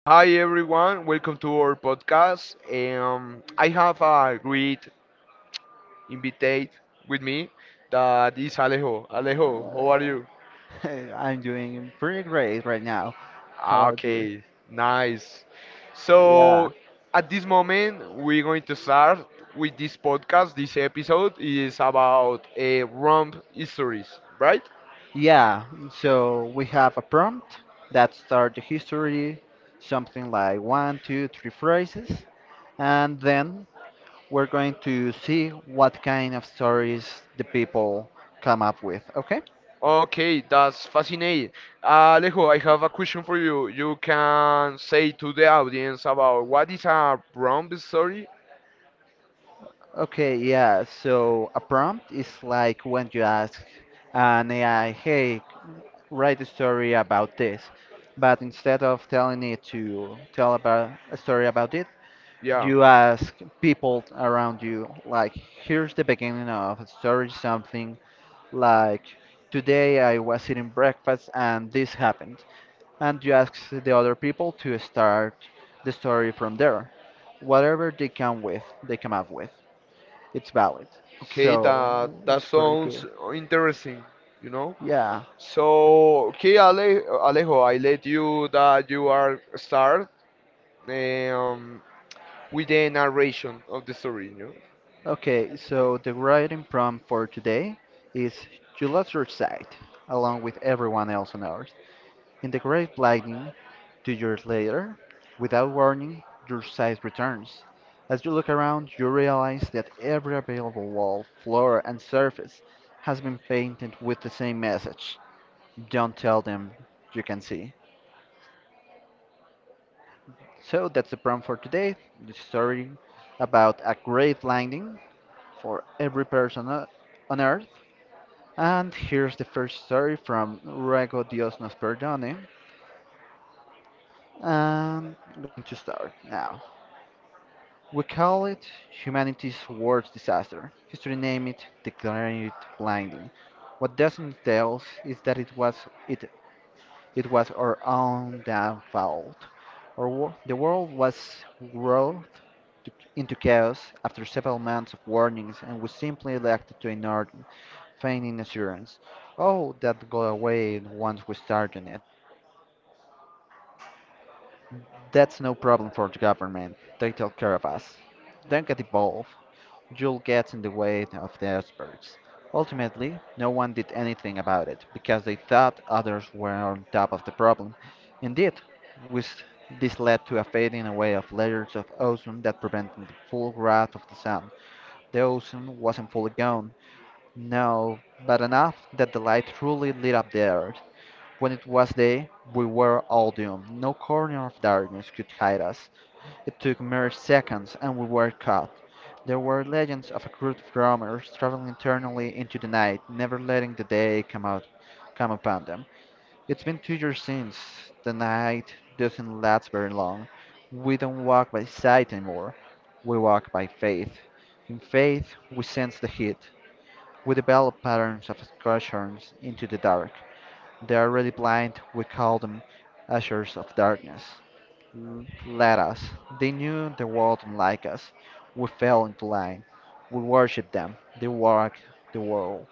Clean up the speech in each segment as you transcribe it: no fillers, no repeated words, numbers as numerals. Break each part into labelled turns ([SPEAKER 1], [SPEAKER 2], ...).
[SPEAKER 1] Hi everyone, welcome to our podcast. I have a great invitee with me that is Alejo. Alejo, how are you?
[SPEAKER 2] I'm doing pretty great right now. How
[SPEAKER 1] Ah,
[SPEAKER 2] about you?
[SPEAKER 1] okay, nice.
[SPEAKER 2] So, yeah.
[SPEAKER 1] So at this moment, we're going to start with this podcast. This episode is about romp histories, right?
[SPEAKER 2] Yeah, so we have a prompt that starts the history, something like one, two, three phrases, and then we're going to see what kind of stories the people come up with, okay?
[SPEAKER 1] Okay, that's fascinating. Alejo, I have a question for you. You can say to the audience about what is a romp story?
[SPEAKER 2] Okay, yeah, so a prompt is like when you ask an AI, hey, write a story about this. But instead of telling it to tell about a story about it,
[SPEAKER 1] Yeah.
[SPEAKER 2] you ask people around you, like, here's the beginning of a story, something like, today I was eating breakfast and this happened. And you ask the other people to start the story from there. Whatever they come with, they come up with. It's valid.
[SPEAKER 1] Okay, that
[SPEAKER 2] So
[SPEAKER 1] that
[SPEAKER 2] it's pretty
[SPEAKER 1] sounds
[SPEAKER 2] cool.
[SPEAKER 1] interesting, you know.
[SPEAKER 2] Yeah.
[SPEAKER 1] So, okay, Alejo, I let you that you are start um, with the narration of the story, you know.
[SPEAKER 2] Okay, so the writing prompt for today is: You lost your sight, along with everyone else on Earth. In the great lightning, 2 years later, without warning, your sight returns. As you look around, you realize that every available wall, floor, and surface has been painted with the same message: Don't tell them you can see. So that's the prompt for today. The story about a great Landing for every person on Earth. And here's the first story from Rego Dios nos perdone. And I'm going to start now. We call it humanity's worst disaster. History named it, declaring it blinding. What doesn't tell us is that it it was our own damn fault. The world was whirled into chaos after several months of warnings, and we simply elected to ignore them, feigning assurance. Oh, that go away once we started it. That's no problem for the government. They take care of us. Don't get involved. You'll get in the way of the experts. Ultimately, no one did anything about it because they thought others were on top of the problem. Indeed, with this led to a fading away of layers of ozone that prevented the full growth of the sun. The ozone wasn't fully gone, no, but enough that the light truly lit up the earth. When it was day, we were all doomed. No corner of darkness could hide us. It took mere seconds, and we were caught. There were legends of a group of roamers traveling eternally into the night, never letting the day come upon them. It's been 2 years since. The night doesn't last very long. We don't walk by sight anymore. We walk by faith. In faith, we sense the heat. We develop patterns of excursions into the dark. They are already blind. We call them ushers of darkness led us. They knew the world didn't like us. We fell into line. We worshipped them. They walked the world,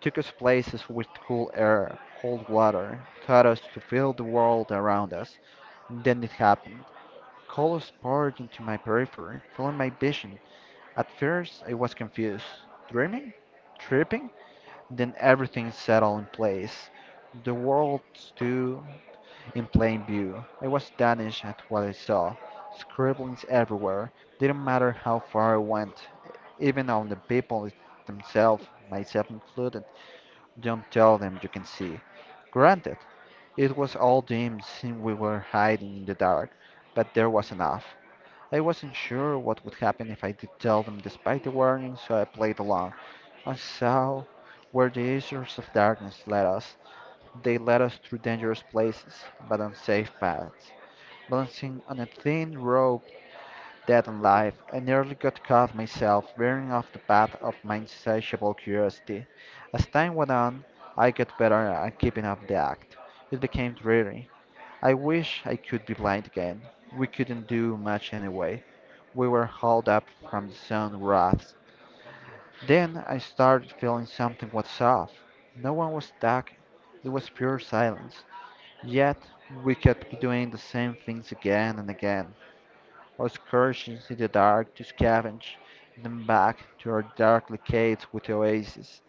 [SPEAKER 2] took us places with cool air, cold water, taught us to feel the world around us. Then it happened. Colors poured into my periphery, filling my vision. At first, I was confused. Dreaming? Tripping? Then everything settled in place. The world stood in plain view. I was astonished at what I saw. Scribblings everywhere, didn't matter how far I went, even on the people themselves, myself included. Don't tell them you can see. Granted, it was all dim since we were hiding in the dark, but there was enough. I wasn't sure what would happen if I did tell them despite the warning, so I played along. I saw where the issues of darkness led us. They led us through dangerous places, but on safe paths, balancing on a thin rope dead and alive. I nearly got caught myself veering off the path of my insatiable curiosity. As time went on, I got better at keeping up the act. It became dreary. I wish I could be blind again. We couldn't do much anyway. We were hauled up from the sun rafts. Then I started feeling something was off. No one was talking. It was pure silence. Yet we kept doing the same things again and again, or excursions in the dark to scavenge, then back to our darkly caves with oases.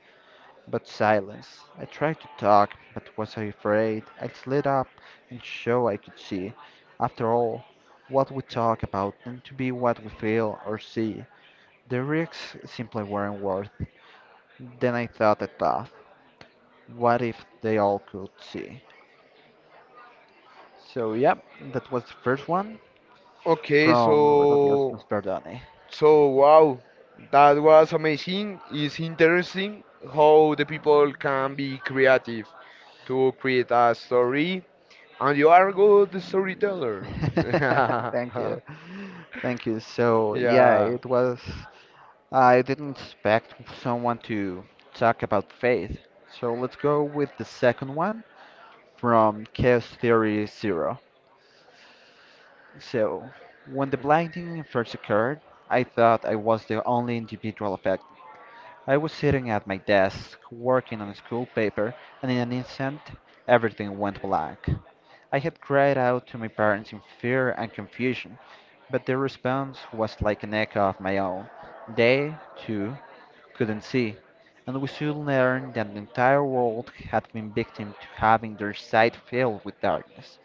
[SPEAKER 2] But silence. I tried to talk, but was afraid I slid up and show I could see. After all, what we talk about tend to be what we feel or see. The risks simply weren't worth. Then I thought, what if they all could see? So yep, that was the first one
[SPEAKER 1] Okay,
[SPEAKER 2] from
[SPEAKER 1] so
[SPEAKER 2] Recordiosos Perdone.
[SPEAKER 1] so wow, that was amazing. It's interesting how the people can be creative to create a story. And you are a good storyteller.
[SPEAKER 2] Thank you. Thank you. So, yeah,
[SPEAKER 1] Yeah.
[SPEAKER 2] it was. I didn't expect someone to talk about faith. So, let's go with the second one from Chaos Theory Zero. So, when the blinding first occurred, I thought I was the only individual affected. I was sitting at my desk working on a school paper, and in an instant, everything went black. I had cried out to my parents in fear and confusion. But their response was like an echo of my own. They, too, couldn't see, and we soon learned that the entire world had been victim to having their sight filled with darkness.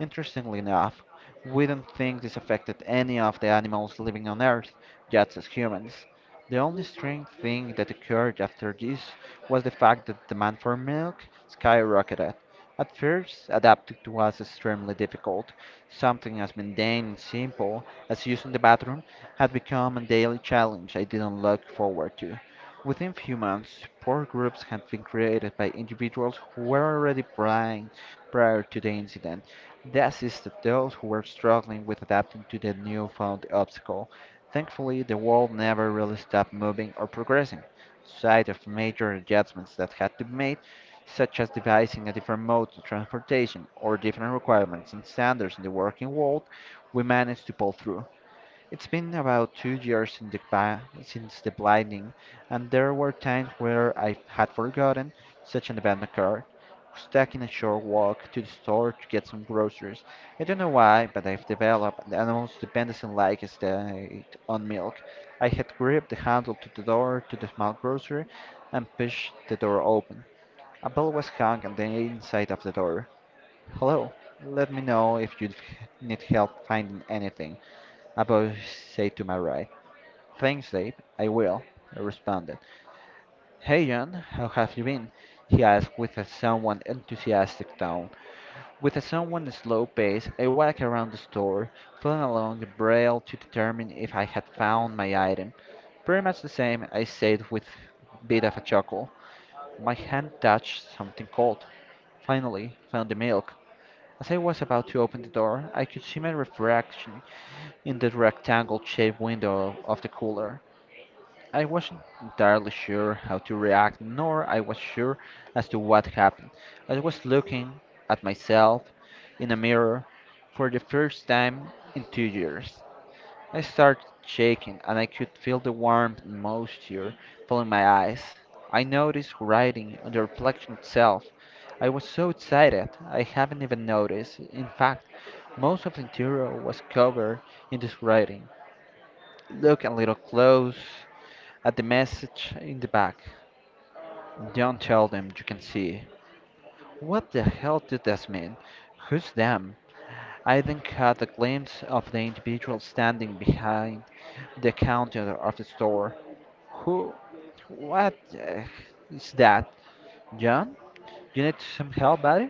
[SPEAKER 2] Interestingly enough, we don't think this affected any of the animals living on Earth, just as humans. The only strange thing that occurred after this was the fact that demand for milk skyrocketed. At first, adapting to was extremely difficult. Something as mundane and simple as using the bathroom had become a daily challenge I didn't look forward to. Within few months, support groups had been created by individuals who were already blind prior to the incident. That assisted those who were struggling with adapting to the newfound obstacle. Thankfully, the world never really stopped moving or progressing. Aside of major adjustments that had to be made, such as devising a different mode of transportation or different requirements and standards in the working world, we managed to pull through. It's been about 2 years since the blinding, and there were times where I had forgotten such an event occurred. Stuck in a short walk to the store to get some groceries. I don't know why, but I've developed an almost dependency-like state on milk. I had gripped the handle to the door to the small grocery and pushed the door open. A bell was hung on the inside of the door. "Hello, let me know if you need help finding anything." About, said to my right. "Thanks, Dave. I will," I responded. "Hey, John, how have you been?" He asked with a somewhat enthusiastic tone. With a somewhat slow pace, I walked around the store, pulling along the braille to determine if I had found my item. "Pretty much the same," I said with a bit of a chuckle. My hand touched something cold. Finally, found the milk. As I was about to open the door, I could see my reflection in the rectangle shaped window of the cooler. I wasn't entirely sure how to react, nor I was sure as to what happened. I was looking at myself in a mirror for the first time in 2 years. I started shaking, and I could feel the warmth and moisture filling my eyes. I noticed writing on the reflection itself. I was so excited, I haven't even noticed. In fact, most of the interior was covered in this writing. Look a little close at the message in the back: don't tell them you can see. What the hell did this mean? Who's them? I then caught a glimpse of the individual standing behind the counter of the store. Who? What the is that? John? "You need some help, buddy?"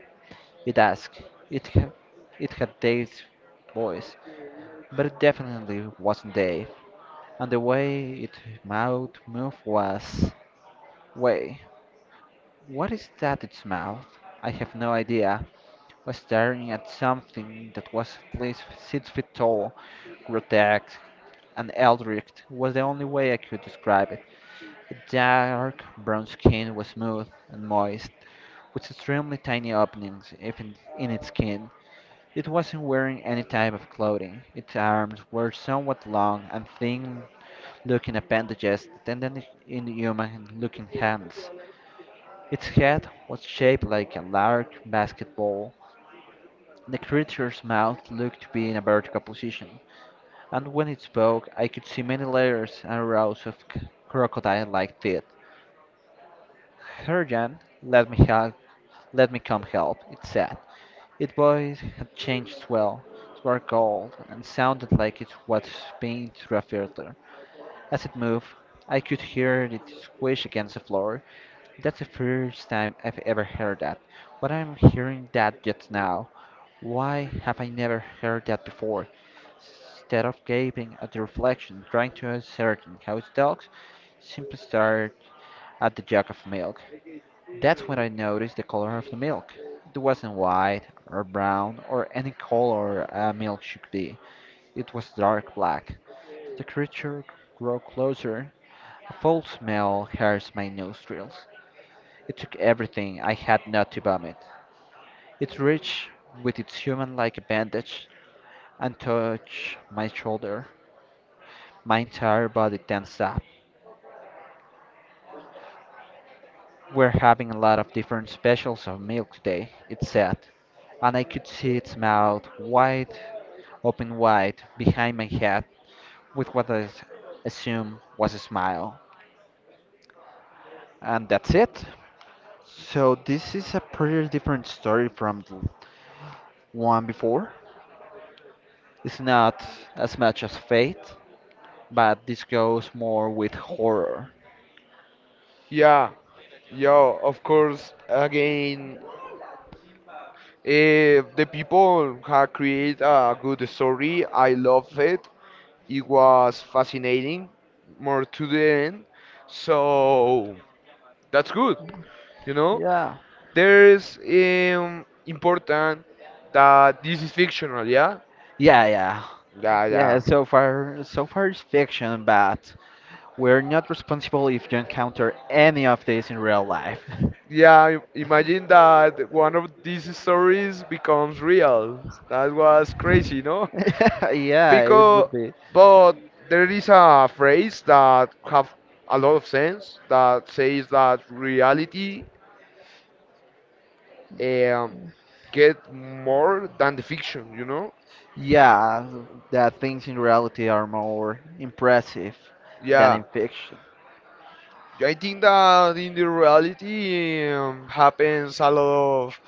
[SPEAKER 2] It asked. It, ha- it had Dave's voice, but it definitely wasn't Dave, and the way its mouth moved was way. What is that it smelled? I have no idea. Was staring at something that was at least 6 feet tall, grotesque, and eldritch was the only way I could describe it. The dark brown skin was smooth and moist, with extremely tiny openings even in its skin. It wasn't wearing any type of clothing. Its arms were somewhat long and thin looking appendages than in human looking hands. Its head was shaped like a large basketball. The creature's mouth looked to be in a vertical position, and when it spoke I could see many layers and rows of crocodile-like teeth. "Herjan, let me help, let me come help," it said. Its voice had changed as well. It was cold and sounded like it was being through a filter. As it moved, I could hear it squish against the floor. That's the first time I've ever heard that. What I'm hearing that just now. Why have I never heard that before? Instead of gaping at the reflection, trying to ascertain how it looks, simply stared at the jug of milk. That's when I noticed the color of the milk. It wasn't white or brown or any color a milk should be. It was dark black. The creature grew closer. A foul smell hurt my nostrils. It took everything I had not to vomit. It reached with its human like bandage and touched my shoulder. My entire body tensed up. "We're having a lot of different specials of milk today," it said, and I could see its mouth wide open wide behind my head with what I assume was a smile. And that's it. So this is a pretty different story from the one before. It's not as much as fate, but this goes more with horror.
[SPEAKER 1] Yeah. Yeah, of course, again, if the people have created a good story. I love it. It was fascinating, more to the end. So that's good, you know.
[SPEAKER 2] Yeah.
[SPEAKER 1] There's important that this is fictional, yeah?
[SPEAKER 2] Yeah, yeah.
[SPEAKER 1] Yeah,
[SPEAKER 2] Yeah,
[SPEAKER 1] yeah.
[SPEAKER 2] so far it's fiction, but we're not responsible if you encounter any of this in real life.
[SPEAKER 1] Yeah, imagine that one of these stories becomes real. That was crazy, no?
[SPEAKER 2] Yeah, it
[SPEAKER 1] Because,
[SPEAKER 2] would be.
[SPEAKER 1] but there is a phrase that have a lot of sense that says that reality um, get more than the fiction, you know?
[SPEAKER 2] Yeah, that things in reality are more impressive than
[SPEAKER 1] Yeah,
[SPEAKER 2] in fiction.
[SPEAKER 1] I think that in the reality happens a lot of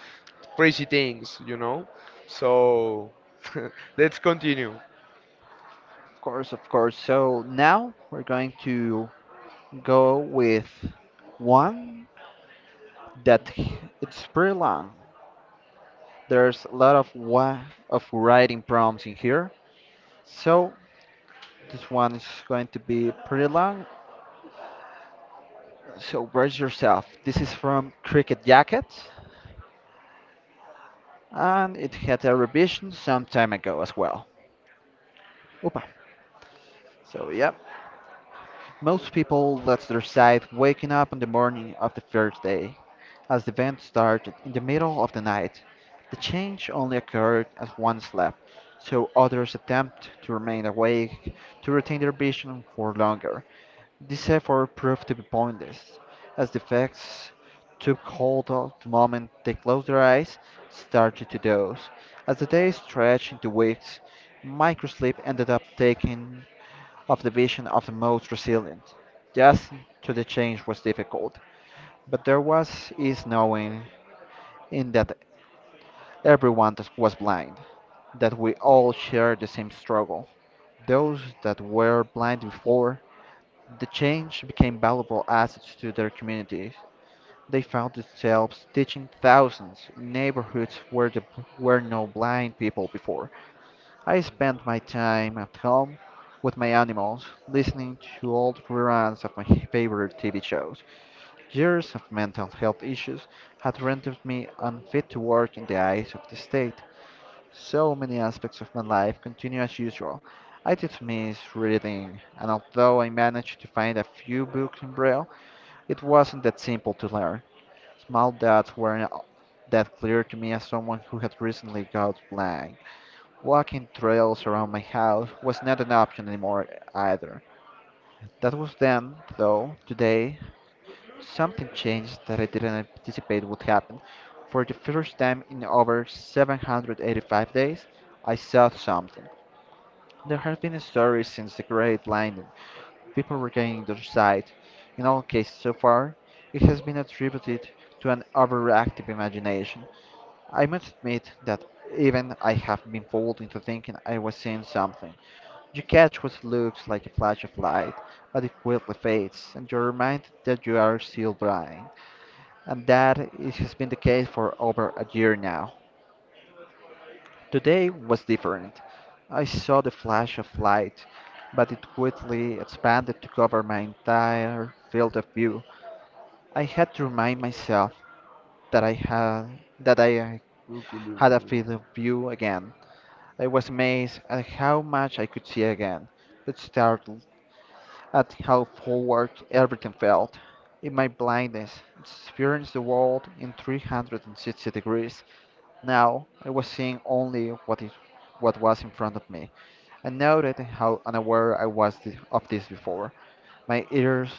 [SPEAKER 1] crazy things, you know? So, let's continue.
[SPEAKER 2] Of course, of course. So now we're going to go with one that it's pretty long. There's a lot of wa of writing prompts in here, so this one is going to be pretty long. So brace yourself. This is from Cricket Jacket, and it had a revision some time ago as well. Opa. So yeah, most people let their side waking up on the morning of the first day, as the event started in the middle of the night. The change only occurred as one slept, so others attempt to remain awake to retain their vision for longer. This effort proved to be pointless, as the effects took hold of the moment they closed their eyes, started to doze. As the day stretched into weeks, microsleep ended up taking of the vision of the most resilient. Just to the change was difficult, but there was ease knowing in that everyone that was blind, that we all shared the same struggle. Those that were blind before, the change became valuable assets to their communities. They found themselves teaching thousands in neighborhoods where there were no blind people before. I spent my time at home with my animals, listening to old reruns of my favorite TV shows. Years of mental health issues had rendered me unfit to work in the eyes of the state. So many aspects of my life continue as usual. I dismiss reading, and although I managed to find a few books in Braille, it wasn't that simple to learn. Small dots weren't that clear to me as someone who had recently got blind. Walking trails around my house was not an option anymore either. That was then, though today something changed that I didn't anticipate would happen. For the first time in over 785 days, I saw something. There has been a story since the Great Landing. People regaining their sight. In all cases so far, it has been attributed to an overactive imagination. I must admit that even I have been fooled into thinking I was seeing something. You catch what looks like a flash of light, but it quickly fades, and you're reminded that you are still blind, and that it has been the case for over a year now. Today was different. I saw the flash of light, but it quickly expanded to cover my entire field of view. I had to remind myself that I
[SPEAKER 1] Cuculú,
[SPEAKER 2] had a
[SPEAKER 1] tú.
[SPEAKER 2] field of view again. I was amazed at how much I could see again, but startled at how forward everything felt. In my blindness, experienced the world in 360 degrees. Now I was seeing only what was in front of me. I noted how unaware I was of this before. My ears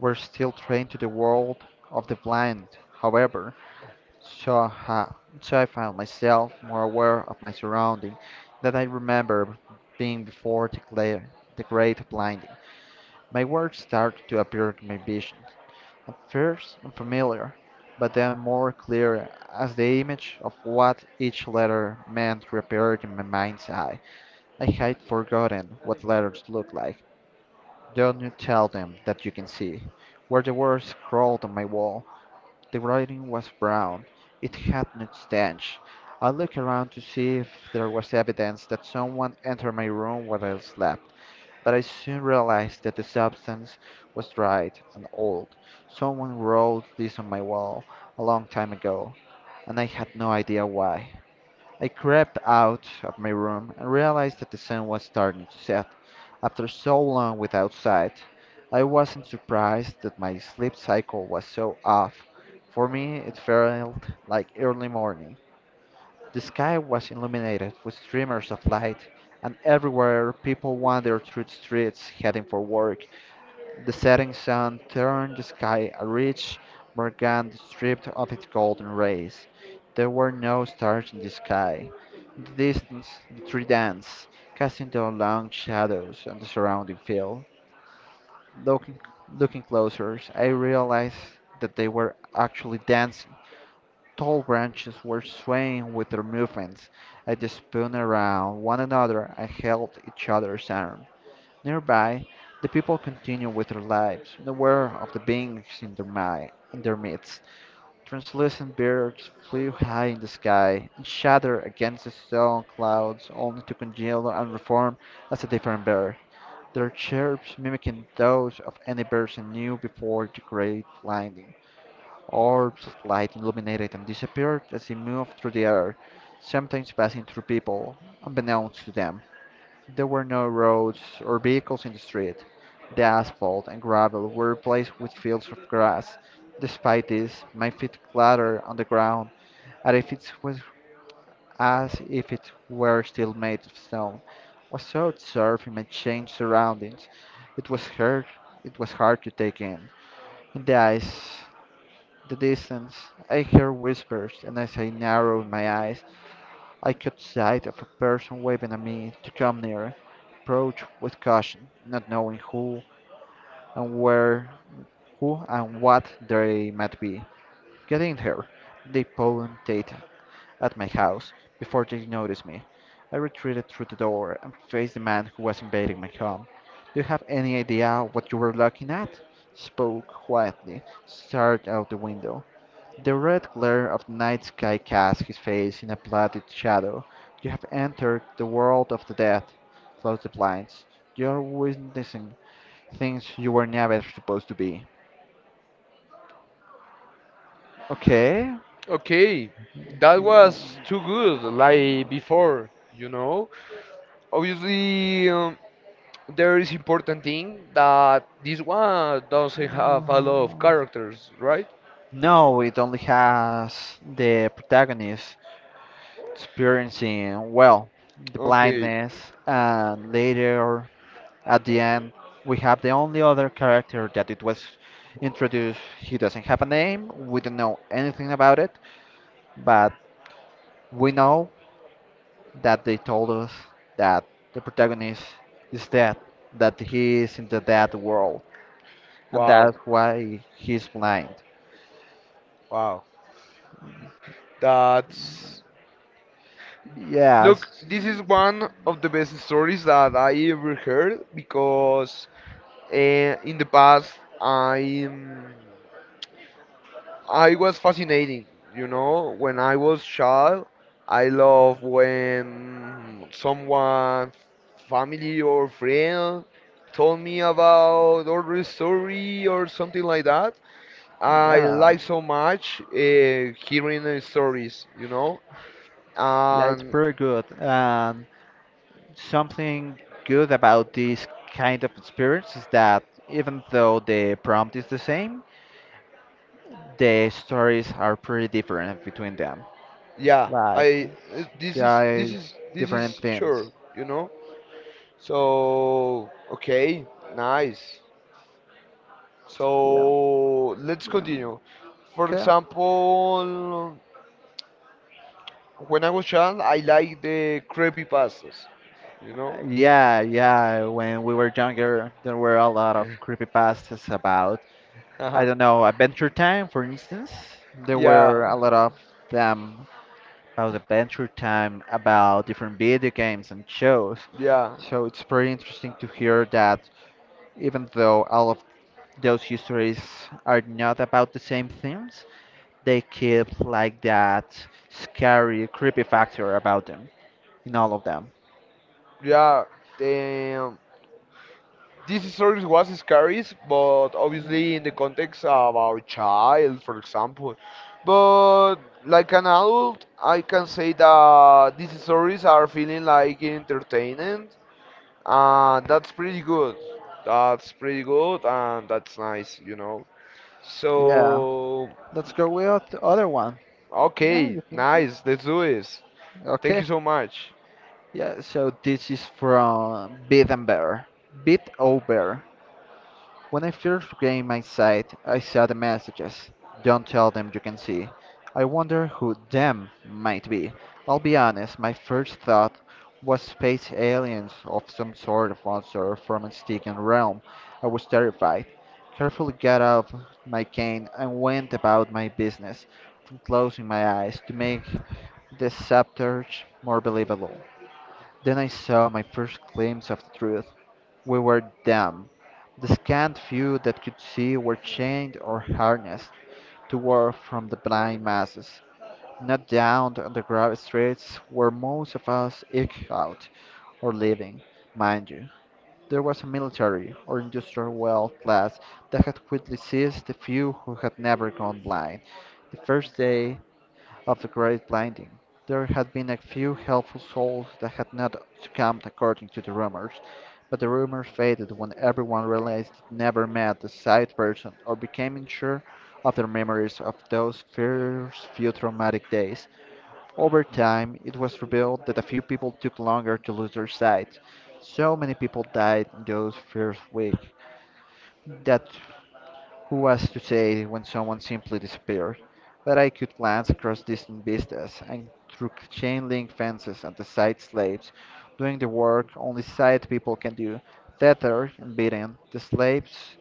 [SPEAKER 2] were still trained to the world of the blind, however, so, ha- so I found myself more aware of my surrounding than I remember being before the great blinding. My words start to appear in my vision, at first unfamiliar, but then more clear as the image of what each letter meant reappeared in my mind's eye. I had forgotten what letters look like. Don't you tell them that you can see. Where the words scrawled on my wall, the writing was brown. It had no stench. I looked around to see if there was evidence that someone entered my room while I slept. But I soon realized that the substance was dried and old. Someone rolled this on my wall a long time ago, and I had no idea why. I crept out of my room and realized that the sun was starting to set. After so long without sight, I wasn't surprised that my sleep cycle was so off. For me, it felt like early morning. The sky was illuminated with streamers of light, and everywhere people wandered through the streets heading for work. The setting sun turned the sky a rich morgan stripped of its golden rays. There were no stars in the sky. In the distance, the tree danced, casting their long shadows on the surrounding field. Looking, looking closer, I realized that they were actually dancing tall branches were swaying with their movements as they spun around one another and held each other's arm. Nearby, the people continued with their lives, unaware of the beings in in their midst. Translucent birds flew high in the sky and shattered against the stone clouds only to congeal and reform as a different bird, their chirps mimicking those of any birds I knew before the great blinding. Orbs of light illuminated and disappeared as they moved through the air, sometimes passing through people, unbeknownst to them. There were no roads or vehicles in the street. The asphalt and gravel were replaced with fields of grass. Despite this, my feet clattered on the ground as if it was, as if it were still made of stone. I was so absorbed in my changed surroundings, it was hard, it was hard to take in. In the ice the distance. I hear whispers, and as I narrowed my eyes, I caught sight of a person waving at me to come near. Approach with caution, not knowing and where, who and what they might be. Getting here, they pointed at my house before they noticed me. I retreated through the door and faced the man who was invading my home. Do you have any idea what you were looking at? Spoke quietly, stared out the window. The red glare of the night sky cast his face in a blotted shadow. You have entered the world of the dead. Close the blinds. You are witnessing things you were never supposed to be. Okay.
[SPEAKER 1] Okay, that was too good, like before, you know. Obviously, there is important thing that this one doesn't have a lot of
[SPEAKER 2] Mm.
[SPEAKER 1] characters, right?
[SPEAKER 2] No, it only has the protagonist experiencing, well, the
[SPEAKER 1] Okay,
[SPEAKER 2] blindness and later. At the end, we have the only other character that it was introduced. He doesn't have a name, we don't know anything about it, but we know that they told us that the protagonist is dead, that he is in the dead world, and
[SPEAKER 1] wow,
[SPEAKER 2] that's why he's blind.
[SPEAKER 1] wow. That's Look,
[SPEAKER 2] Yes,
[SPEAKER 1] this is one of the best stories that I ever heard because uh, in the past I'm I was fascinating, you know, when I was child. I love when someone, family or friend, told me about or story or something like that. I
[SPEAKER 2] yeah,
[SPEAKER 1] like so much hearing the stories, you know,
[SPEAKER 2] yeah, it's
[SPEAKER 1] and
[SPEAKER 2] pretty good. And something good about this kind of experience is that even though the prompt is the same, the stories are pretty different between them.
[SPEAKER 1] yeah,
[SPEAKER 2] Like,
[SPEAKER 1] I
[SPEAKER 2] they
[SPEAKER 1] this is
[SPEAKER 2] are
[SPEAKER 1] this is this
[SPEAKER 2] different
[SPEAKER 1] is
[SPEAKER 2] themes.
[SPEAKER 1] sure, you know. So okay, nice.
[SPEAKER 2] Yeah.
[SPEAKER 1] So let's
[SPEAKER 2] Yeah.
[SPEAKER 1] continue. For
[SPEAKER 2] Okay.
[SPEAKER 1] example, when I was young, I liked the creepy pastas. You know?
[SPEAKER 2] Yeah, yeah. When we were younger, there were a lot of creepypastas about, I don't know, Adventure Time, for instance. There were
[SPEAKER 1] Yeah,
[SPEAKER 2] a lot
[SPEAKER 1] yeah,
[SPEAKER 2] of them about Adventure Time, about different video games and shows. So it's pretty interesting to hear that even though all of those histories are not about the same themes, they keep like that scary, creepy factor about them in all of them.
[SPEAKER 1] yeah. Damn. This story was scary, but obviously in the context of our child, for example. But like an adult, I can say that these stories are feeling like entertaining. That's pretty good. That's pretty good, and that's nice, you know.
[SPEAKER 2] Yeah,
[SPEAKER 1] So,
[SPEAKER 2] let's go with the other one. Yeah,
[SPEAKER 1] okay,
[SPEAKER 2] you think so?
[SPEAKER 1] nice. Let's do this. Thank
[SPEAKER 2] Okay.
[SPEAKER 1] you so much.
[SPEAKER 2] Yeah, so this is from Beat and Bear. Beat Over. When I first gained my sight, I saw the messages. Don't tell them you can see. I wonder who them might be. I'll be honest, my first thought was space aliens of some sort of monster from a stinking realm. I was terrified. Carefully got up my cane and went about my business, from closing my eyes to make the subterfuge more believable. Then I saw my first glimpse of the truth. We were dumb. The scant few that could see were chained or harnessed to war from the blind masses. Not down on the gravel streets where most of us eked out or living, mind you. There was a military or industrial wealth class that had quickly seized the few who had never gone blind. The first day of the great blinding. There had been a few helpful souls that had not succumbed according to the rumors, but the rumors faded when everyone realized it never met the sight person or became sure of their memories of those first few traumatic days. Over time, it was revealed that a few people took longer to lose their sight. So many people died in those first weeks that who was to say when someone simply disappeared? But I could glance across distant vistas and through chain link fences at the site slaves doing the work only site people can do, tethered and beaten, the slaves,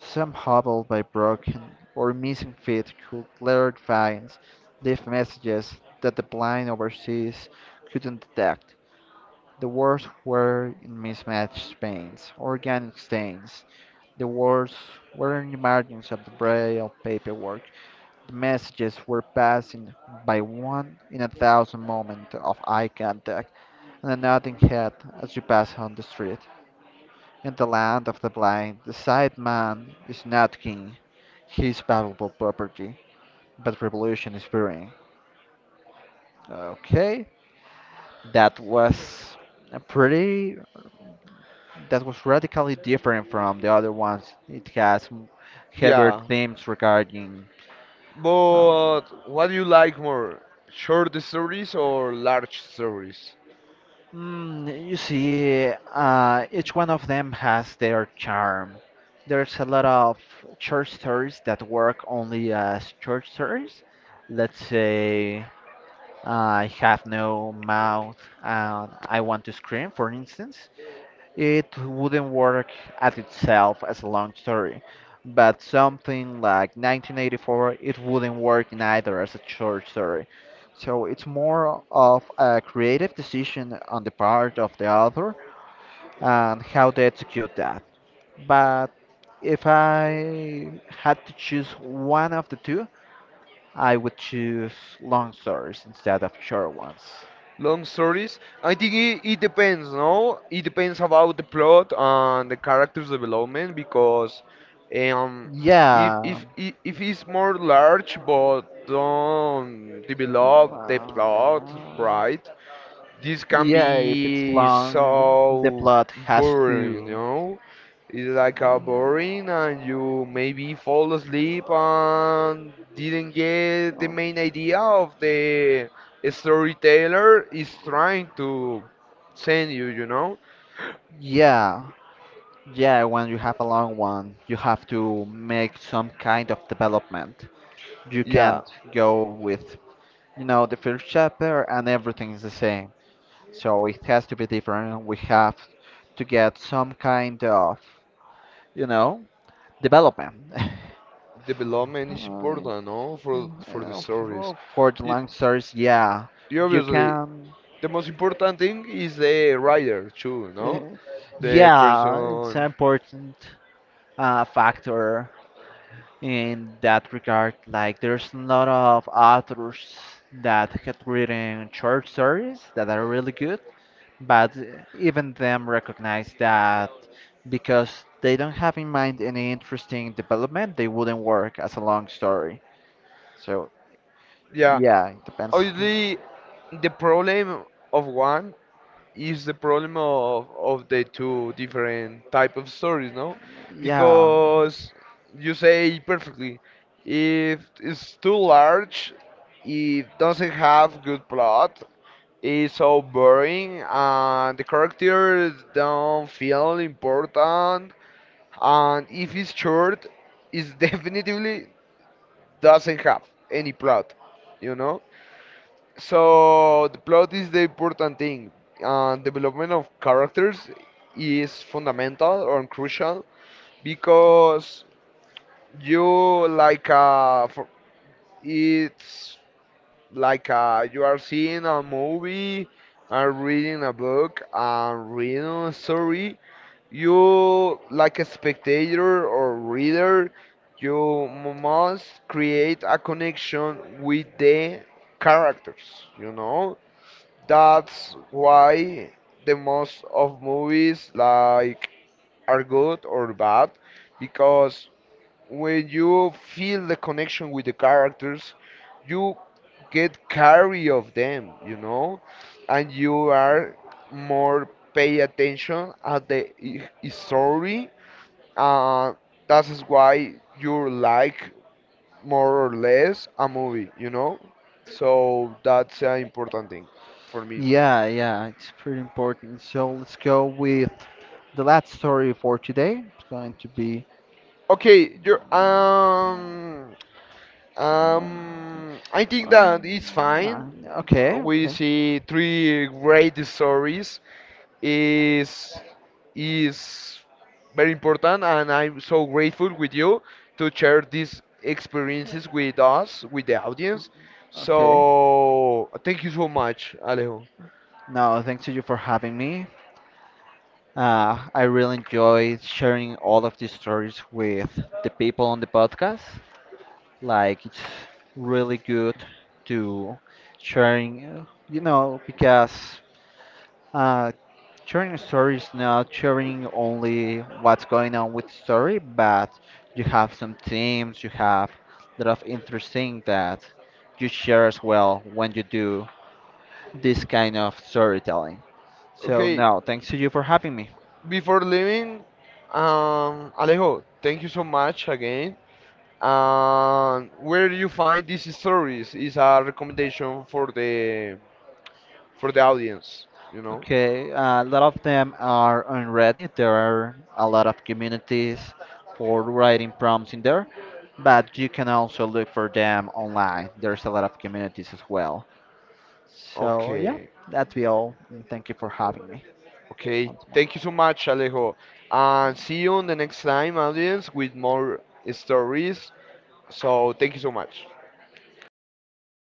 [SPEAKER 2] some hobbled by broken or missing feet, who glared finds, leave messages that the blind overseas couldn't detect. The words were in mismatched paints, organic stains, the words were in the margins of the braille paperwork. The messages were passing by one in a thousand moments of eye contact and a nodding head as you pass on the street. In the land of the blind, the sight man is not king. He is valuable property, but revolution is brewing. Okay, that was a pretty. That was radically different from the other ones. It has heavier
[SPEAKER 1] Yeah.
[SPEAKER 2] themes regarding. Um,
[SPEAKER 1] But what do you like more? Short stories or large stories?
[SPEAKER 2] Mm, you see, each one of them has their charm. There's a lot of church stories that work only as church stories. Let's say I have no mouth and I want to scream, for instance. It wouldn't work as itself as a long story, but something like 1984, it wouldn't work neither as a short story. So it's more of a creative decision on the part of the author and how they execute that. But if I had to choose one of the two, I would choose long stories instead of short ones.
[SPEAKER 1] Long stories. I think it depends, no? It depends about the plot and the character's development because um if
[SPEAKER 2] Yeah.
[SPEAKER 1] if if if it's more large but don't develop the plot
[SPEAKER 2] Wow.
[SPEAKER 1] right, this can
[SPEAKER 2] Yeah, if it's
[SPEAKER 1] be
[SPEAKER 2] long, the
[SPEAKER 1] so
[SPEAKER 2] plot has
[SPEAKER 1] boring, you
[SPEAKER 2] to.
[SPEAKER 1] know? It's like a boring and you maybe fall asleep and didn't get the main
[SPEAKER 2] Mm.
[SPEAKER 1] idea of the storyteller is trying to send you, you know?
[SPEAKER 2] Yeah, yeah, when you have a long one, you have to make some kind of development. You
[SPEAKER 1] Yeah,
[SPEAKER 2] can't go with, you know, the first chapter and everything's the same. So it has to be different. We have to get some kind of, you know, development.
[SPEAKER 1] development is
[SPEAKER 2] I-
[SPEAKER 1] important, no? For the stories.
[SPEAKER 2] for the
[SPEAKER 1] You,
[SPEAKER 2] lancers, yeah,
[SPEAKER 1] you
[SPEAKER 2] you
[SPEAKER 1] obviously
[SPEAKER 2] can.
[SPEAKER 1] the most important thing is the writer too, no?
[SPEAKER 2] Uh,
[SPEAKER 1] The
[SPEAKER 2] Yeah, it's an
[SPEAKER 1] person.
[SPEAKER 2] important factor in that regard. Like, there's a lot of authors that have written short stories that are really good. But even them recognize that because they don't have in mind any interesting development, they wouldn't work as a long story. So,
[SPEAKER 1] Yeah.
[SPEAKER 2] yeah, it depends.
[SPEAKER 1] Obviously, the problem of one is the problem of the two different type of stories, no?
[SPEAKER 2] Yeah,
[SPEAKER 1] Because you say perfectly, if it's too large, it doesn't have good plot, it's so boring, and the characters don't feel important, and if it's short, it definitely doesn't have any plot, you know? So the plot is the important thing. Development of characters is fundamental or crucial because you like uh, for, it's like you are seeing a movie and reading a book and reading a story. You like a spectator or reader, must create a connection with the characters. You know that's why the most of movies like are good or bad because when you feel the connection with the characters, you get carry of them, you know, and you are more pay attention at the story. Uh, that is why you like more or less a movie, you know. So that's an important thing for me.
[SPEAKER 2] yeah, yeah, it's pretty important. So let's go with the last story for today. It's going to be.
[SPEAKER 1] Okay, you're I think that
[SPEAKER 2] um,
[SPEAKER 1] it's fine.
[SPEAKER 2] yeah,
[SPEAKER 1] We see 3 great stories is is very important and I'm so grateful with you to share these experiences with us, with the audience.
[SPEAKER 2] okay.
[SPEAKER 1] So thank you so much, Alejo.
[SPEAKER 2] No, thanks to you for having me. I really enjoy sharing all of these stories with the people on the podcast. Like it's really good to sharing, you know, because uh, sharing a story is not sharing only what's going on with the story, but you have some themes, you have a lot of interesting that you share as well when you do this kind of storytelling. So
[SPEAKER 1] Okay,
[SPEAKER 2] no, thanks to you for having me.
[SPEAKER 1] before leaving, Alejo, thank you so much again. And where do you find these stories is a recommendation for the audience, you know?
[SPEAKER 2] Okay, a lot of them are on Reddit. There are a lot of communities for writing prompts in there, but you can also look for them online. There's a lot of communities as well. So, yeah,
[SPEAKER 1] Okay.
[SPEAKER 2] that'd be all. And thank you for having me.
[SPEAKER 1] Okay. Thank you so much, Alejo. And see you on the next time, audience, with more stories. So thank you so much.
[SPEAKER 2] Okay,